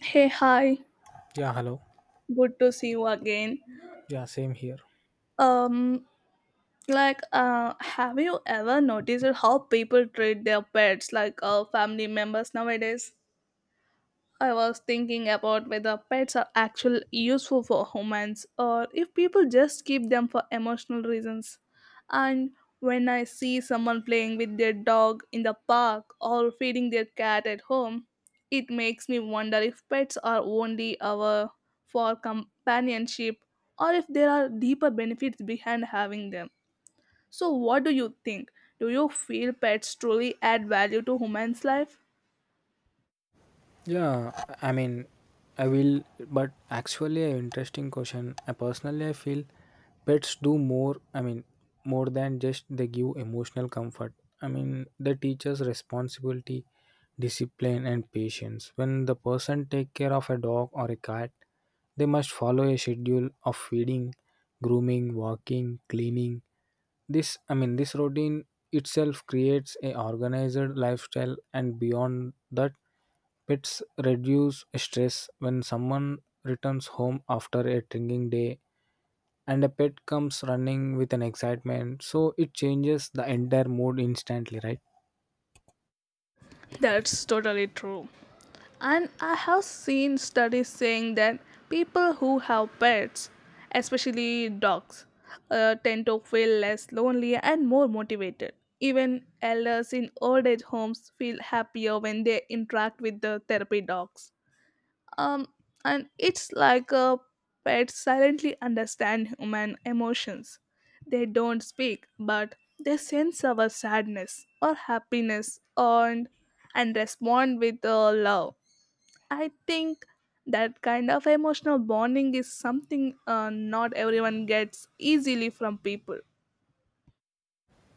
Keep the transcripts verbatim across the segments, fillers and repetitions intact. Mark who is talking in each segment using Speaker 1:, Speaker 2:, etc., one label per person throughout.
Speaker 1: Hey, hi.
Speaker 2: Yeah, hello.
Speaker 1: Good to see you again.
Speaker 2: Yeah, same here.
Speaker 1: Um, like, uh, have you ever noticed how people treat their pets like uh, family members nowadays? I was thinking about whether pets are actually useful for humans or if people just keep them for emotional reasons. And when I see someone playing with their dog in the park or feeding their cat at home, it makes me wonder if pets are only our for companionship or if there are deeper benefits behind having them. So what do you think? Do you feel pets truly add value to humans' life?
Speaker 2: Yeah, I mean, I will, but actually, a interesting question. I personally, I feel pets do more. I mean, more than just they give emotional comfort. I mean, they teach us responsibility, discipline, and patience. When the person take care of a dog or a cat, they must follow a schedule of feeding, grooming, walking, cleaning, this, I mean, this routine itself creates a organized lifestyle, and beyond that, pets reduce stress when someone returns home after a drinking day, and a pet comes running with an excitement, so it changes the entire mood instantly, right?
Speaker 1: That's totally true. And I have seen studies saying that people who have pets, especially dogs, uh, tend to feel less lonely and more motivated. Even elders in old age homes feel happier when they interact with the therapy dogs. Um, and it's like a pet silently understand human emotions. They don't speak, but they sense our sadness or happiness and, and respond with uh, love. I think that kind of emotional bonding is something uh, not everyone gets easily from people.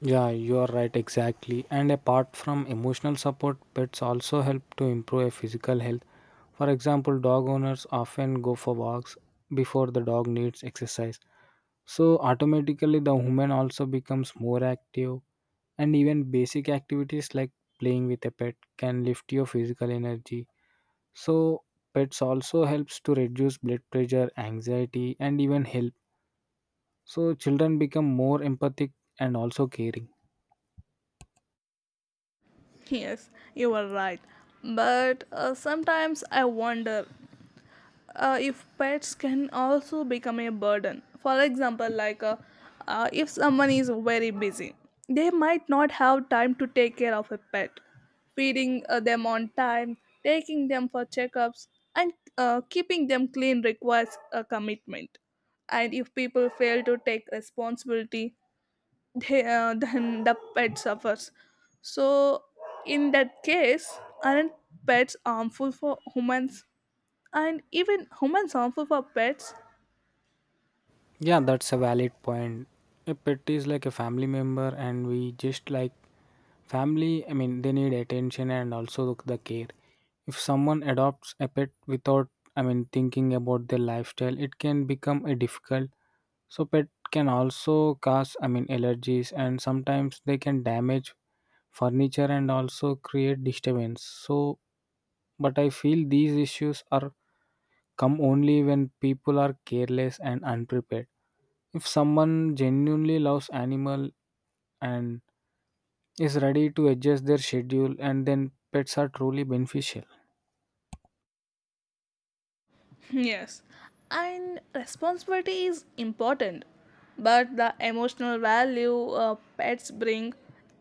Speaker 2: Yeah, you are right, exactly. And apart from emotional support, pets also help to improve a physical health. For example, dog owners often go for walks before the dog needs exercise. So automatically the human also becomes more active, and even basic activities like playing with a pet can lift your physical energy. So pets also helps to reduce blood pressure, anxiety and even help. So children become more empathic and also caring.
Speaker 1: Yes, you are right. But uh, sometimes I wonder uh, if pets can also become a burden, for example, like uh, uh, if someone is very busy, they might not have time to take care of a pet, feeding uh, them on time, taking them for checkups, and uh, keeping them clean requires a commitment. And if people fail to take responsibility, they, uh, then the pet suffers. So in that case, aren't pets harmful for humans, and even human harmful for pets?
Speaker 2: Yeah, that's a valid point. A pet is like a family member and we just like family, I mean, they need attention and also the care. If someone adopts a pet without, I mean, thinking about their lifestyle, it can become a difficult. So pet can also cause, I mean, allergies and sometimes they can damage furniture and also create disturbance. So, but I feel these issues are come only when people are careless and unprepared. If someone genuinely loves animal and is ready to adjust their schedule, and then pets are truly beneficial.
Speaker 1: Yes, and responsibility is important, but the emotional value uh, pets bring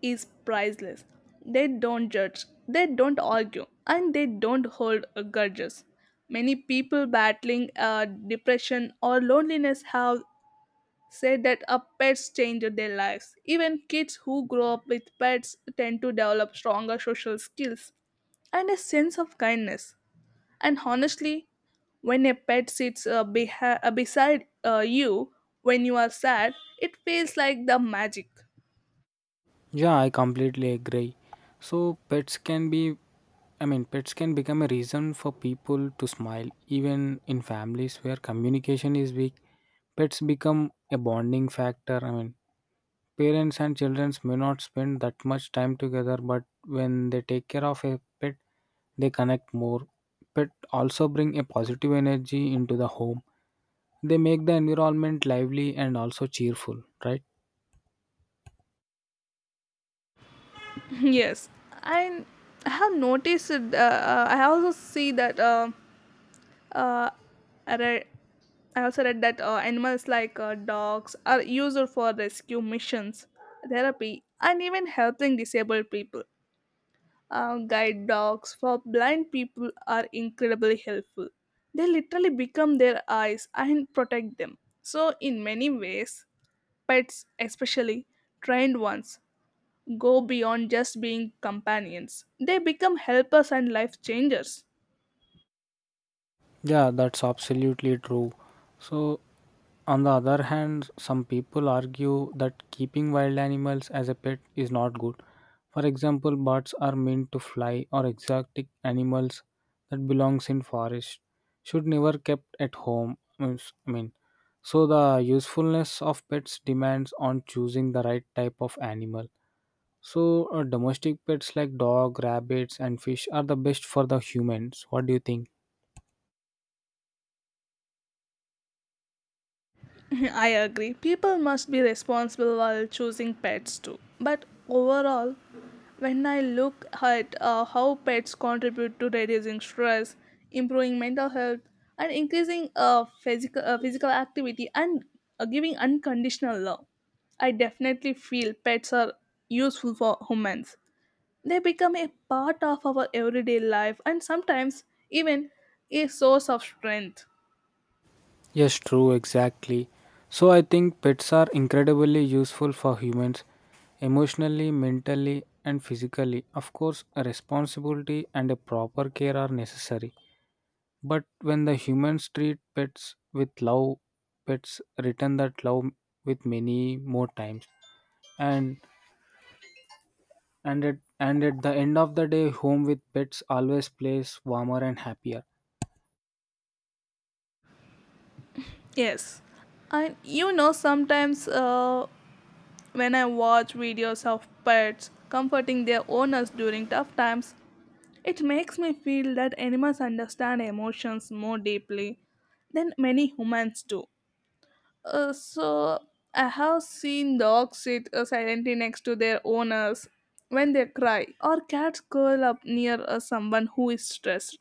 Speaker 1: is priceless. They don't judge, they don't argue, and they don't hold uh, grudges. Many people battling uh, depression or loneliness have said that a pets change their lives. Even kids who grow up with pets tend to develop stronger social skills and a sense of kindness. And honestly, when a pet sits uh, beha- uh, beside uh, you when you are sad, it feels like the magic.
Speaker 2: Yeah, I completely agree. So pets can be, I mean, pets can become a reason for people to smile. Even in families where communication is weak, pets become a bonding factor. I mean, parents and children may not spend that much time together, but when they take care of a pet, they connect more. Pet also bring a positive energy into the home. They make the environment lively and also cheerful, right?
Speaker 1: Yes, I I have noticed. Uh, uh, I also see that. Uh, uh, I read- I also read that uh, animals like uh, dogs are used for rescue missions, therapy, and even helping disabled people. Uh, guide dogs for blind people are incredibly helpful. They literally become their eyes and protect them. So, in many ways, pets, especially trained ones, go beyond just being companions. They become helpers and life changers.
Speaker 2: Yeah, that's absolutely true. So, on the other hand, some people argue that keeping wild animals as a pet is not good. For example, birds are meant to fly, or exotic animals that belongs in forest should never kept at home. Means- I mean, so the usefulness of pets depends on choosing the right type of animal. So, uh, domestic pets like dog, rabbits, and fish are the best for the humans. What do you think?
Speaker 1: I agree. People must be responsible while choosing pets too. But overall, when I look at uh, how pets contribute to reducing stress, improving mental health, and increasing uh, physical uh, physical activity and uh, giving unconditional love, I definitely feel pets are useful for humans. They become a part of our everyday life and sometimes even a source of strength.
Speaker 2: Yes, true, exactly. So, I think pets are incredibly useful for humans emotionally, mentally, and physically. Of course, a responsibility and a proper care are necessary. But when the humans treat pets with love, pets return that love with many more times. And and at and at the end of the day, home with pets always plays warmer and happier.
Speaker 1: Yes. And you know, sometimes uh, when I watch videos of pets comforting their owners during tough times, it makes me feel that animals understand emotions more deeply than many humans do. Uh, so, I have seen dogs sit uh, silently next to their owners when they cry, or cats curl up near uh, someone who is stressed.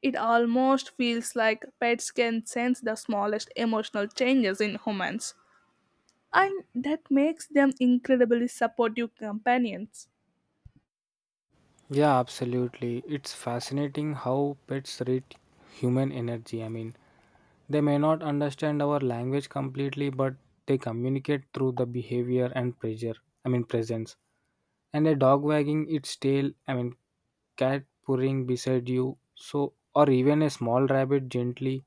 Speaker 1: It almost feels like pets can sense the smallest emotional changes in humans, and that makes them incredibly supportive companions.
Speaker 2: Yeah, absolutely. It's fascinating how pets read human energy. I mean, they may not understand our language completely, but they communicate through the behavior and pressure, I mean, presence. And a dog wagging its tail, I mean, cat purring beside you, so, or even a small rabbit gently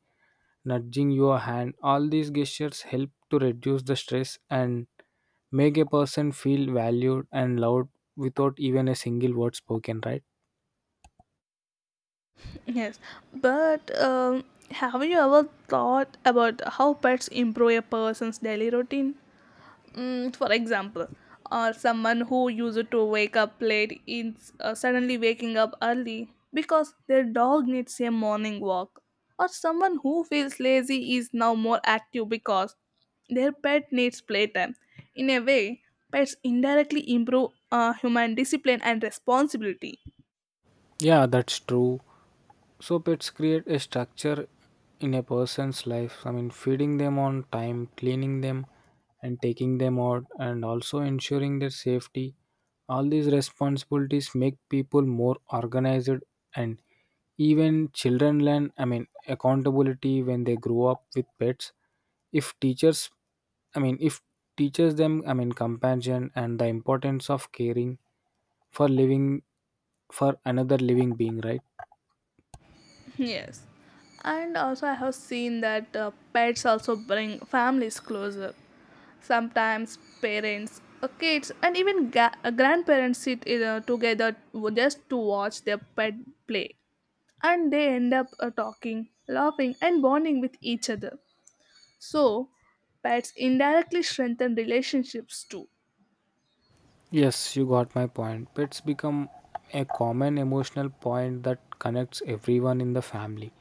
Speaker 2: nudging your hand, all these gestures help to reduce the stress and make a person feel valued and loved without even a single word spoken, right?
Speaker 1: Yes, but um, have you ever thought about how pets improve a person's daily routine? Mm, for example, or someone who used to wake up late is uh, suddenly waking up early because their dog needs a morning walk, or someone who feels lazy is now more active because their pet needs playtime. In a way, pets indirectly improve uh, human discipline and responsibility.
Speaker 2: Yeah, that's true. So pets create a structure in a person's life. I mean, feeding them on time, cleaning them, and taking them out, and also ensuring their safety. All these responsibilities make people more organized, and even children learn, I mean, accountability when they grow up with pets. If teachers, I mean, if teaches them, I mean, compassion and the importance of caring for living, for another living being, right?
Speaker 1: Yes, and also I have seen that uh, pets also bring families closer. Sometimes parents, uh, kids, and even ga- uh, grandparents sit you together w- just to watch their pet play, and they end up uh, talking, laughing, and bonding with each other. So pets indirectly strengthen relationships too.
Speaker 2: Yes, you got my point. Pets become a common emotional point that connects everyone in the family.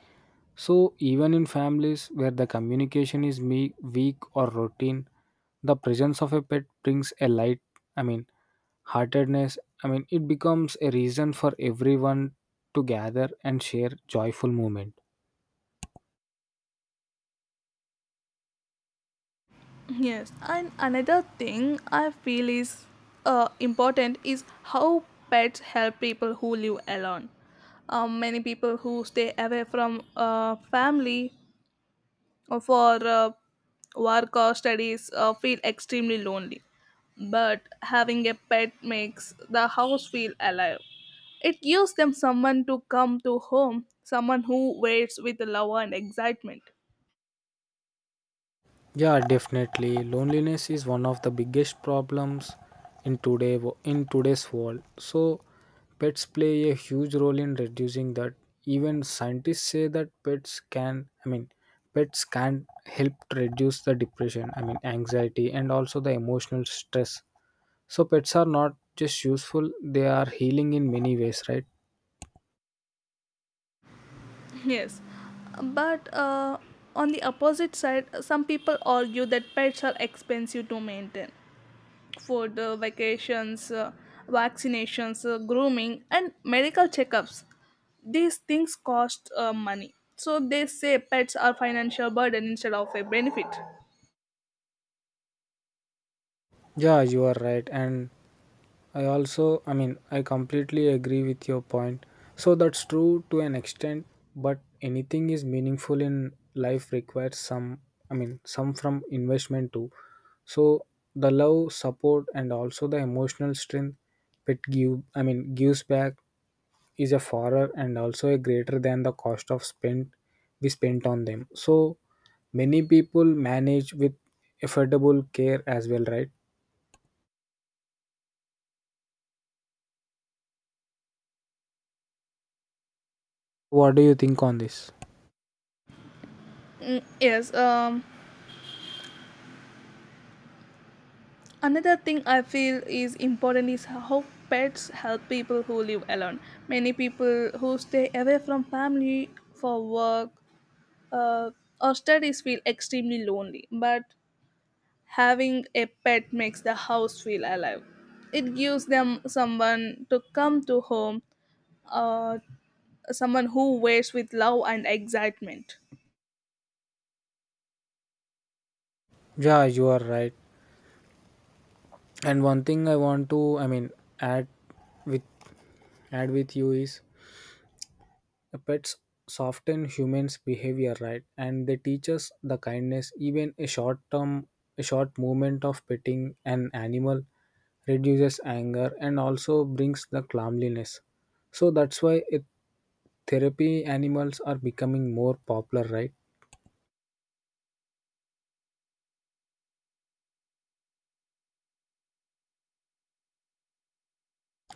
Speaker 2: So, even in families where the communication is me- weak or routine, the presence of a pet brings a light, I mean, heartedness. I mean, it becomes a reason for everyone to gather and share joyful moment.
Speaker 1: Yes, and another thing I feel is uh, important is how pets help people who live alone. Um, many people who stay away from uh, family uh, for uh, work or studies uh, feel extremely lonely. But having a pet makes the house feel alive. It gives them someone to come to home, someone who waits with love and excitement.
Speaker 2: Yeah, definitely. Loneliness is one of the biggest problems in today wo- in today's world. So, pets play a huge role in reducing that. Even scientists say that pets can, I mean, pets can help to reduce the depression, I mean, anxiety and also the emotional stress. So, pets are not just useful; they are healing in many ways, right?
Speaker 1: Yes, but uh, on the opposite side, some people argue that pets are expensive to maintain. Food, uh, vacations, uh, vaccinations, uh, grooming, and medical checkups. These things cost uh, money. So they say pets are financial burden instead of a benefit.
Speaker 2: Yeah, you are right, and I also, I mean, I completely agree with your point. So that's true to an extent, but anything is meaningful in life requires some, I mean, some from investment too. So the love, support, and also the emotional strength it give, I mean, gives back is a fairer and also a greater than the cost of spent we spent on them. So many people manage with affordable care as well, right? What do you think on this?
Speaker 1: Mm, yes. Um, another thing I feel is important is how pets help people who live alone. Many people who stay away from family for work uh, or studies feel extremely lonely. But having a pet makes the house feel alive. It gives them someone to come to home, uh, someone who waits with love and excitement.
Speaker 2: Yeah, you are right. And one thing I want to, I mean, add with add with you is, uh, pets soften humans behavior, right? And they teach us the kindness. Even a short term, a short moment of petting an animal reduces anger and also brings the calmliness. So that's why it, therapy animals are becoming more popular, right?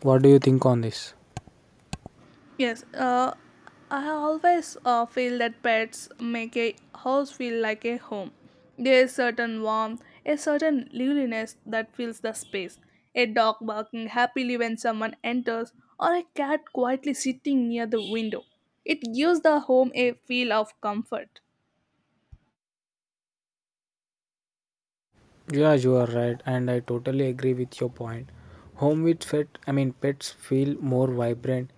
Speaker 2: What do you think on this?
Speaker 1: Yes, uh, I always uh, feel that pets make a house feel like a home. There is certain warmth, a certain liveliness that fills the space. A dog barking happily when someone enters, or a cat quietly sitting near the window. It gives the home a feel of comfort.
Speaker 2: Yeah, you are right, and I totally agree with your point. Home with pet, I mean, pets feel more vibrant.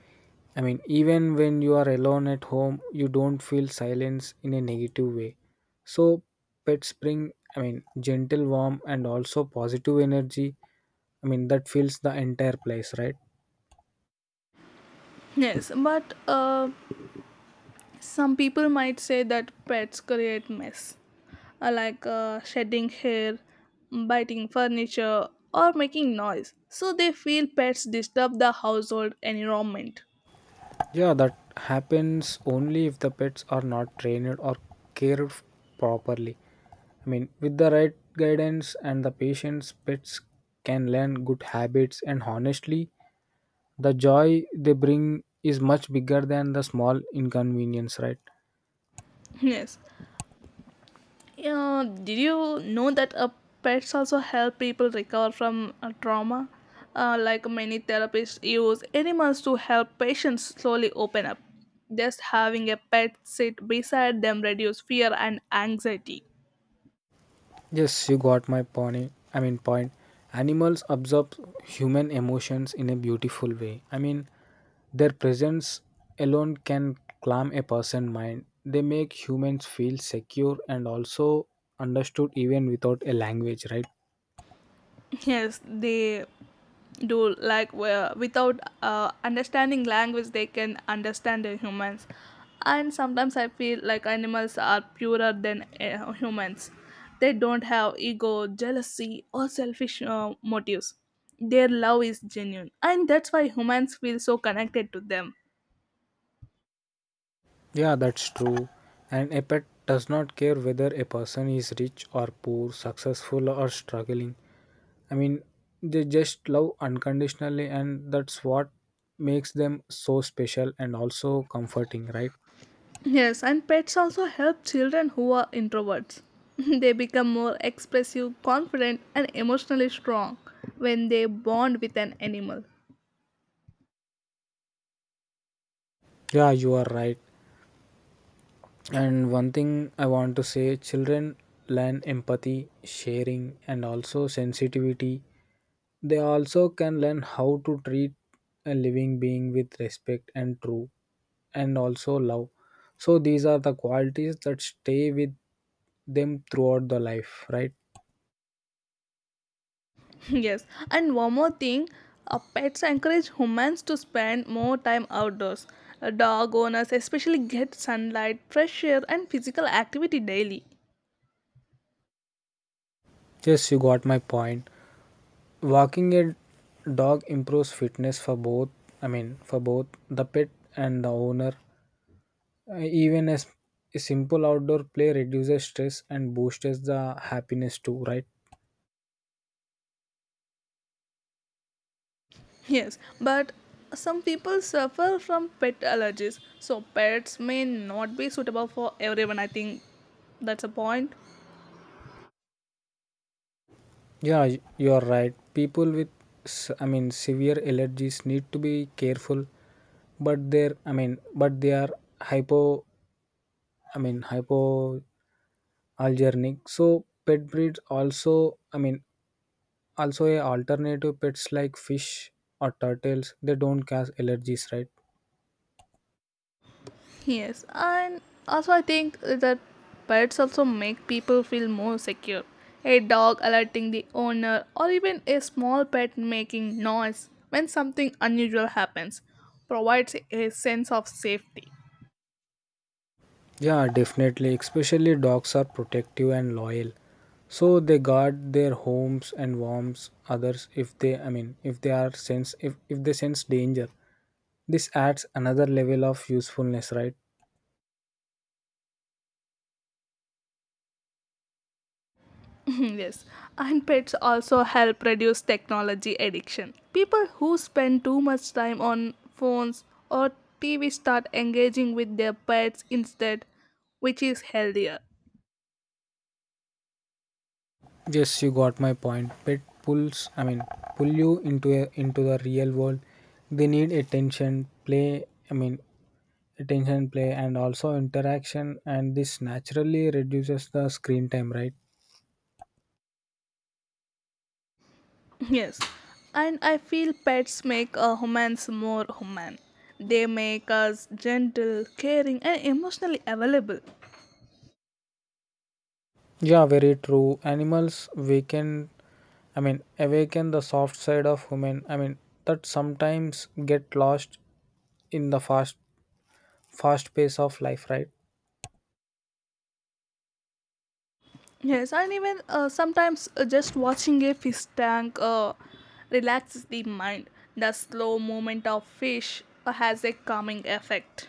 Speaker 2: I mean, even when you are alone at home, you don't feel silence in a negative way. So, pets bring, I mean, gentle warmth and also positive energy. I mean, that fills the entire place, right?
Speaker 1: Yes, but uh, some people might say that pets create mess, uh, like uh, shedding hair, biting furniture, or making noise. So they feel pets disturb the household environment.
Speaker 2: Yeah, that happens only if the pets are not trained or cared properly. I mean, with the right guidance and the patience, pets can learn good habits, and honestly, the joy they bring is much bigger than the small inconvenience, right?
Speaker 1: Yes. Uh, did you know that uh, pets also help people recover from uh, trauma? Uh, like many therapists use animals to help patients slowly open up. Just having a pet sit beside them reduce fear and anxiety.
Speaker 2: Yes, you got my point. I mean, point. Animals absorb human emotions in a beautiful way. I mean, their presence alone can calm a person's mind. They make humans feel secure and also understood even without a language, right?
Speaker 1: Yes, they do like well without uh, understanding language, they can understand the humans. And sometimes I feel like animals are purer than uh, humans. They don't have ego, jealousy, or selfish uh, motives. Their love is genuine, and that's why humans feel so connected to them.
Speaker 2: Yeah, that's true. And a pet does not care whether a person is rich or poor, successful or struggling. I mean, they just love unconditionally, and that's what makes them so special and also comforting, right?
Speaker 1: Yes, and pets also help children who are introverts. They become more expressive, confident, and emotionally strong when they bond with an animal.
Speaker 2: Yeah, you are right. And one thing I want to say, children learn empathy, sharing, and also sensitivity. They also can learn how to treat a living being with respect and true and also love. So these are the qualities that stay with them throughout the life, right?
Speaker 1: Yes, and one more thing, uh, pets encourage humans to spend more time outdoors. Uh, Dog owners especially get sunlight, fresh air, and physical activity daily.
Speaker 2: Yes, you got my point. Walking a dog improves fitness for both, I mean, for both the pet and the owner. Uh, Even as a simple outdoor play reduces stress and boosts the happiness too, right?
Speaker 1: Yes, but some people suffer from pet allergies, so pets may not be suitable for everyone. I think that's a point.
Speaker 2: Yeah, y- you are right. People with, s- I mean, severe allergies need to be careful, but they're, I mean, but they are hypo, I mean, hypoallergenic. So pet breeds also, I mean, also a alternative pets like fish or turtles, they don't cause allergies, right?
Speaker 1: Yes, and also I think that pets also make people feel more secure. A dog alerting the owner, or even a small pet making noise when something unusual happens, provides a sense of safety.
Speaker 2: Yeah, definitely. Especially dogs are protective and loyal. So they guard their homes and warms others if they, I mean, if they are sense, if, if they sense danger. This adds another level of usefulness, right?
Speaker 1: Yes, and pets also help reduce technology addiction. People who spend too much time on phones or T V start engaging with their pets instead, which is healthier.
Speaker 2: Yes, you got my point. Pet pulls, I mean, pull you into a, into the real world. They need attention, play. I mean, attention, play, and also interaction. And this naturally reduces the screen time, right?
Speaker 1: Yes, and I feel pets make a humans more human. They make us gentle, caring, and emotionally available.
Speaker 2: Yeah, very true. Animals waken, I mean, awaken the soft side of human. I mean, that sometimes get lost in the fast, fast pace of life, right?
Speaker 1: Yes, and even uh, sometimes uh, just watching a fish tank uh, relaxes the mind. The slow movement of fish uh, has a calming effect.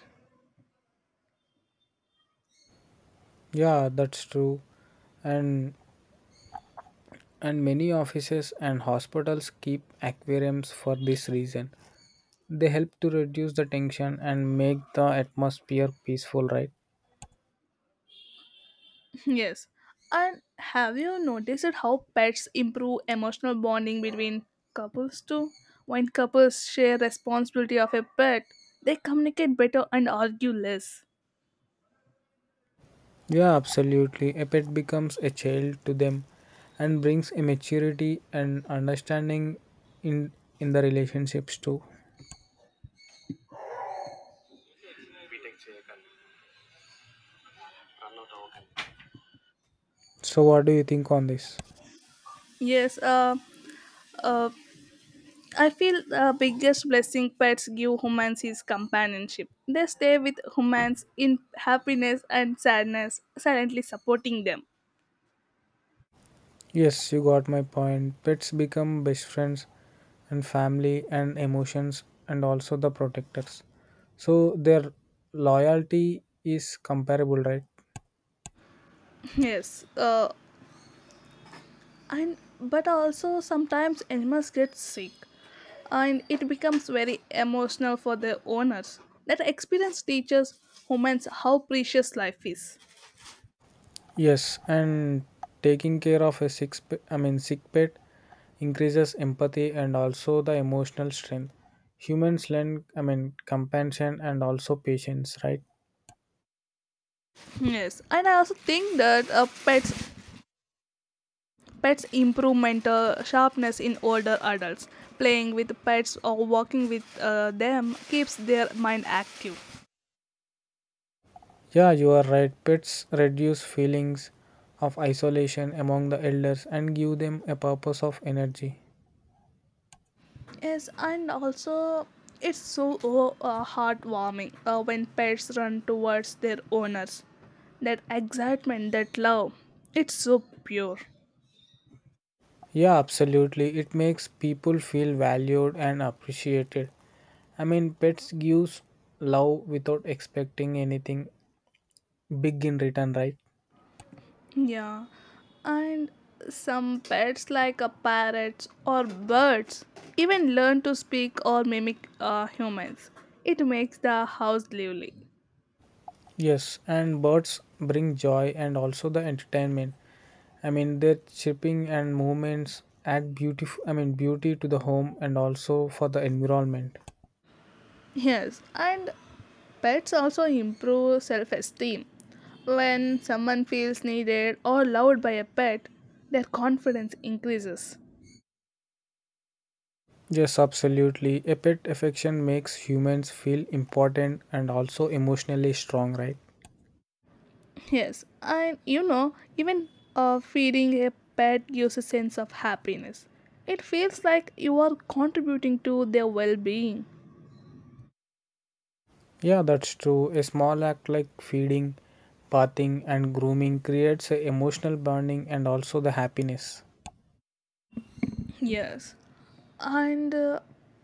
Speaker 2: Yeah, that's true. And and many offices and hospitals keep aquariums for this reason. They help to reduce the tension and make the atmosphere peaceful, right?
Speaker 1: Yes. And have you noticed it how pets improve emotional bonding between couples too? When couples share responsibility of a pet, they communicate better and argue less.
Speaker 2: Yeah, absolutely. A pet becomes a child to them and brings a maturity and understanding in in the relationships too. So what do you think on this?
Speaker 1: Yes, uh, uh, I feel the biggest blessing pets give humans is companionship. They stay with humans in happiness and sadness, silently supporting them.
Speaker 2: Yes, you got my point. Pets become best friends and family and emotions and also the protectors. So their loyalty is comparable, right?
Speaker 1: Yes, uh, and but also sometimes animals get sick and it becomes very emotional for the owners. That experience teaches humans how precious life is.
Speaker 2: Yes, and taking care of a sick, sp- I mean, sick pet increases empathy and also the emotional strength. Humans lend, I mean, compassion and also patience, right?
Speaker 1: Yes, and I also think that uh, pets pets improve mental sharpness in older adults. Playing with pets or walking with uh, them keeps their mind active.
Speaker 2: Yeah, you are right. Pets reduce feelings of isolation among the elders and give them a purpose of energy.
Speaker 1: Yes, and also it's so uh, heartwarming uh, when pets run towards their owners. That excitement, that love, it's so pure.
Speaker 2: Yeah, absolutely. It makes people feel valued and appreciated. I mean, pets gives love without expecting anything big in return, right?
Speaker 1: Yeah, and some pets like a parrots or birds even learn to speak or mimic uh, humans. It makes the house lively.
Speaker 2: Yes, and birds bring joy and also the entertainment. I mean, their chirping and movements add beautiful, I mean, beauty to the home and also for the environment.
Speaker 1: Yes, and pets also improve self esteem. When someone feels needed or loved by a pet, their confidence increases.
Speaker 2: Yes, absolutely. A pet affection makes humans feel important and also emotionally strong, right?
Speaker 1: Yes, and you know, even uh, feeding a pet gives a sense of happiness. It feels like you are contributing to their well being.
Speaker 2: Yeah, that's true. A small act like feeding, bathing, and grooming creates a emotional bonding and also the happiness.
Speaker 1: Yes, and uh,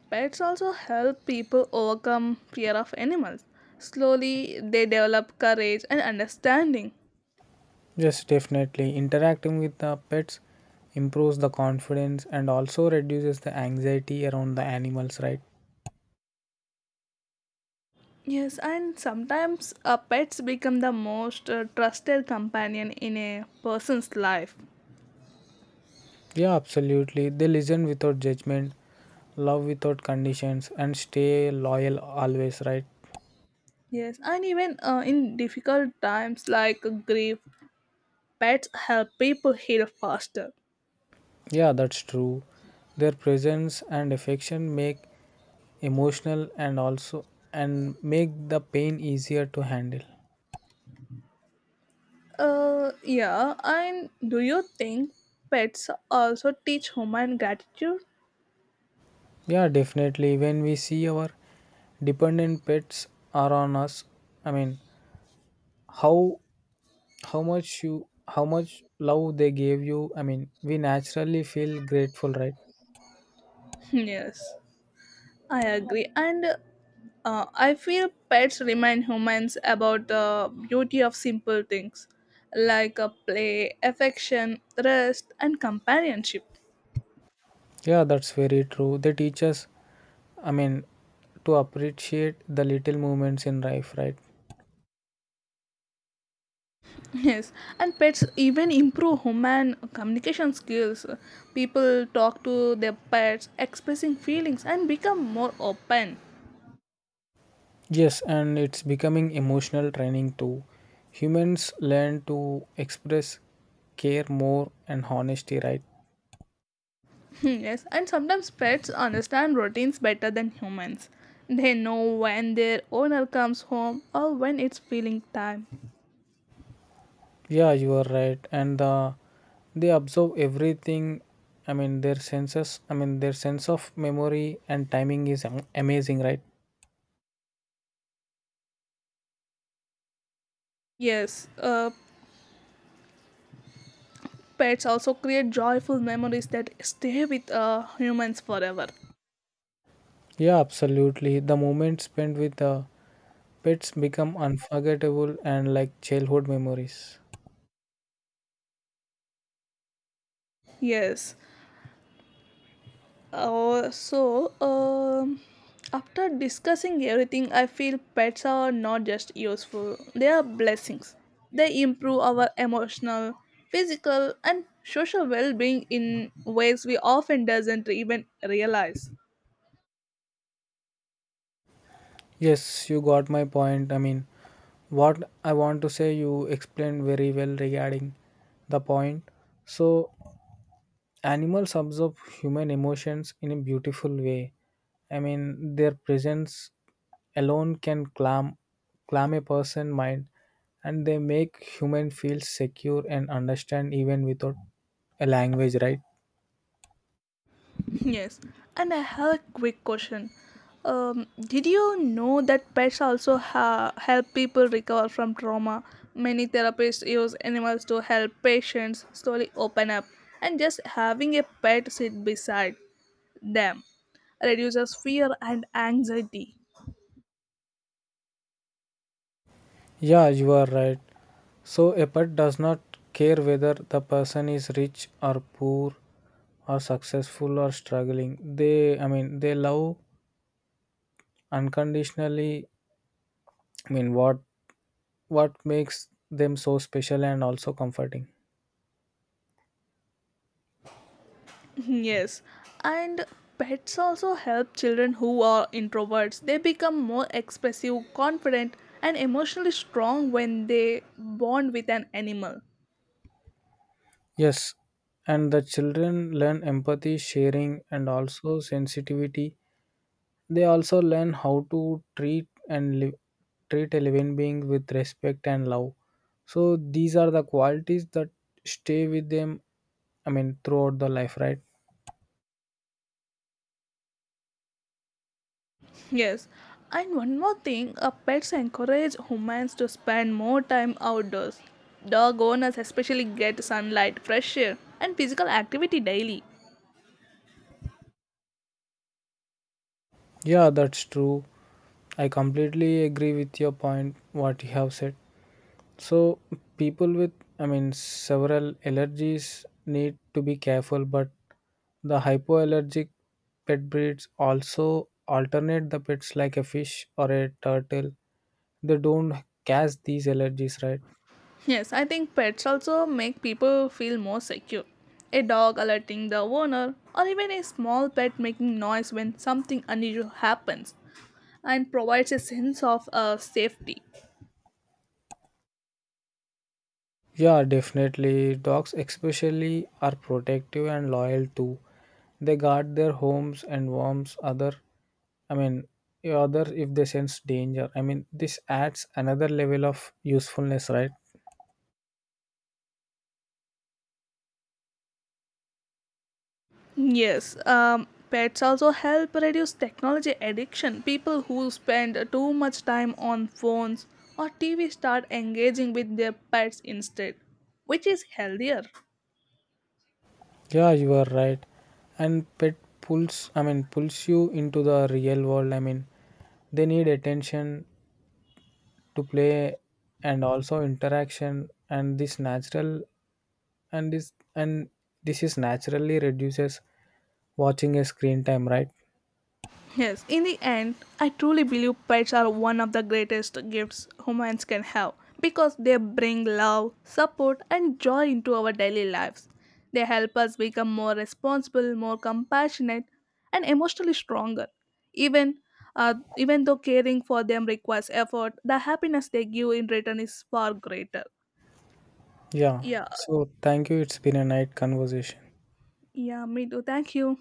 Speaker 1: pets also help people overcome fear of animals. Slowly, they develop courage and understanding.
Speaker 2: Yes, definitely. Interacting with the pets improves the confidence and also reduces the anxiety around the animals, right?
Speaker 1: Yes, and sometimes uh, pets become the most uh, trusted companion in a person's life.
Speaker 2: Yeah, absolutely. They listen without judgment, love without conditions, and stay loyal always, right?
Speaker 1: Yes, and even uh, in difficult times like grief, pets help people heal faster.
Speaker 2: Yeah, that's true. Their presence and affection make emotional and also and make the pain easier to handle.
Speaker 1: Uh, yeah, and do you think pets also teach human gratitude?
Speaker 2: Yeah, definitely. When we see our dependent pets are on us, I mean, how how much you how much love they gave you, I mean, we naturally feel grateful, right?
Speaker 1: Yes, I agree. And uh, I feel pets remind humans about the beauty of simple things like a play, affection, rest, and companionship.
Speaker 2: Yeah, that's very true. They teach us, I mean, to appreciate the little moments in life, right?
Speaker 1: Yes, and pets even improve human communication skills. People talk to their pets, expressing feelings, and become more open.
Speaker 2: Yes, and it's becoming emotional training too. Humans learn to express care more and honesty, right?
Speaker 1: Yes, and sometimes pets understand routines better than humans. They know when their owner comes home or when it's feeling time.
Speaker 2: Yeah, you are right. And uh, they observe everything. I mean, their senses, I mean, their sense of memory and timing is am- amazing, right?
Speaker 1: Yes, uh, pets also create joyful memories that stay with uh, humans forever.
Speaker 2: Yeah, absolutely. The moments spent with the pets become unforgettable and like childhood memories.
Speaker 1: Yes. Uh, so, um, after discussing everything, I feel pets are not just useful, they are blessings. They improve our emotional, physical, and social well being in ways we often doesn't even realize.
Speaker 2: Yes, you got my point. I mean, what I want to say, you explained very well regarding the point. So, animals observe human emotions in a beautiful way. I mean, their presence alone can calm, calm a person's mind, and they make human feel secure and understand even without a language, right?
Speaker 1: Yes, and I have a quick question. Um, did you know that pets also ha- help people recover from trauma? Many therapists use animals to help patients slowly open up, and just having a pet sit beside them reduces fear and anxiety.
Speaker 2: Yeah, you are right. So a pet does not care whether the person is rich or poor, or successful or struggling. They, I mean, they love unconditionally. I mean, what what makes them so special and also comforting?
Speaker 1: Yes, and pets also help children who are introverts. They become more expressive, confident, and emotionally strong when they bond with an animal.
Speaker 2: Yes, and the children learn empathy, sharing, and also sensitivity. They also learn how to treat and live treat a living being with respect and love. So these are the qualities that stay with them, I mean, throughout the life, right?
Speaker 1: Yes, and one more thing, uh, pets encourage humans to spend more time outdoors. Dog owners especially get sunlight, fresh air, and physical activity daily.
Speaker 2: Yeah, that's true. I completely agree with your point, what you have said. So, people with, I mean, several allergies need to be careful, but the hypoallergic pet breeds also alternate the pets like a fish or a turtle. They don't catch these allergies, right?
Speaker 1: Yes, I think pets also make people feel more secure. A dog alerting the owner, or even a small pet making noise when something unusual happens, and provides a sense of uh, safety.
Speaker 2: Yeah, definitely. Dogs, especially, are protective and loyal too. They guard their homes and warms other, I mean, other if they sense danger. I mean, this adds another level of usefulness, right?
Speaker 1: Yes, um, pets also help reduce technology addiction. People who spend too much time on phones or T V start engaging with their pets instead, which is healthier.
Speaker 2: Yeah, you are right. And pet pulls, I mean, pulls you into the real world. I mean, they need attention to play and also interaction, and this natural and this and this is naturally reduces watching a screen time, right?
Speaker 1: Yes, in the end, I truly believe pets are one of the greatest gifts humans can have because they bring love, support, and joy into our daily lives. They help us become more responsible, more compassionate, and emotionally stronger. Even uh, even though caring for them requires effort, the happiness they give in return is far greater.
Speaker 2: Yeah.
Speaker 1: Yeah,
Speaker 2: So thank you. It's been a night conversation.
Speaker 1: yeah, me too. Thank you.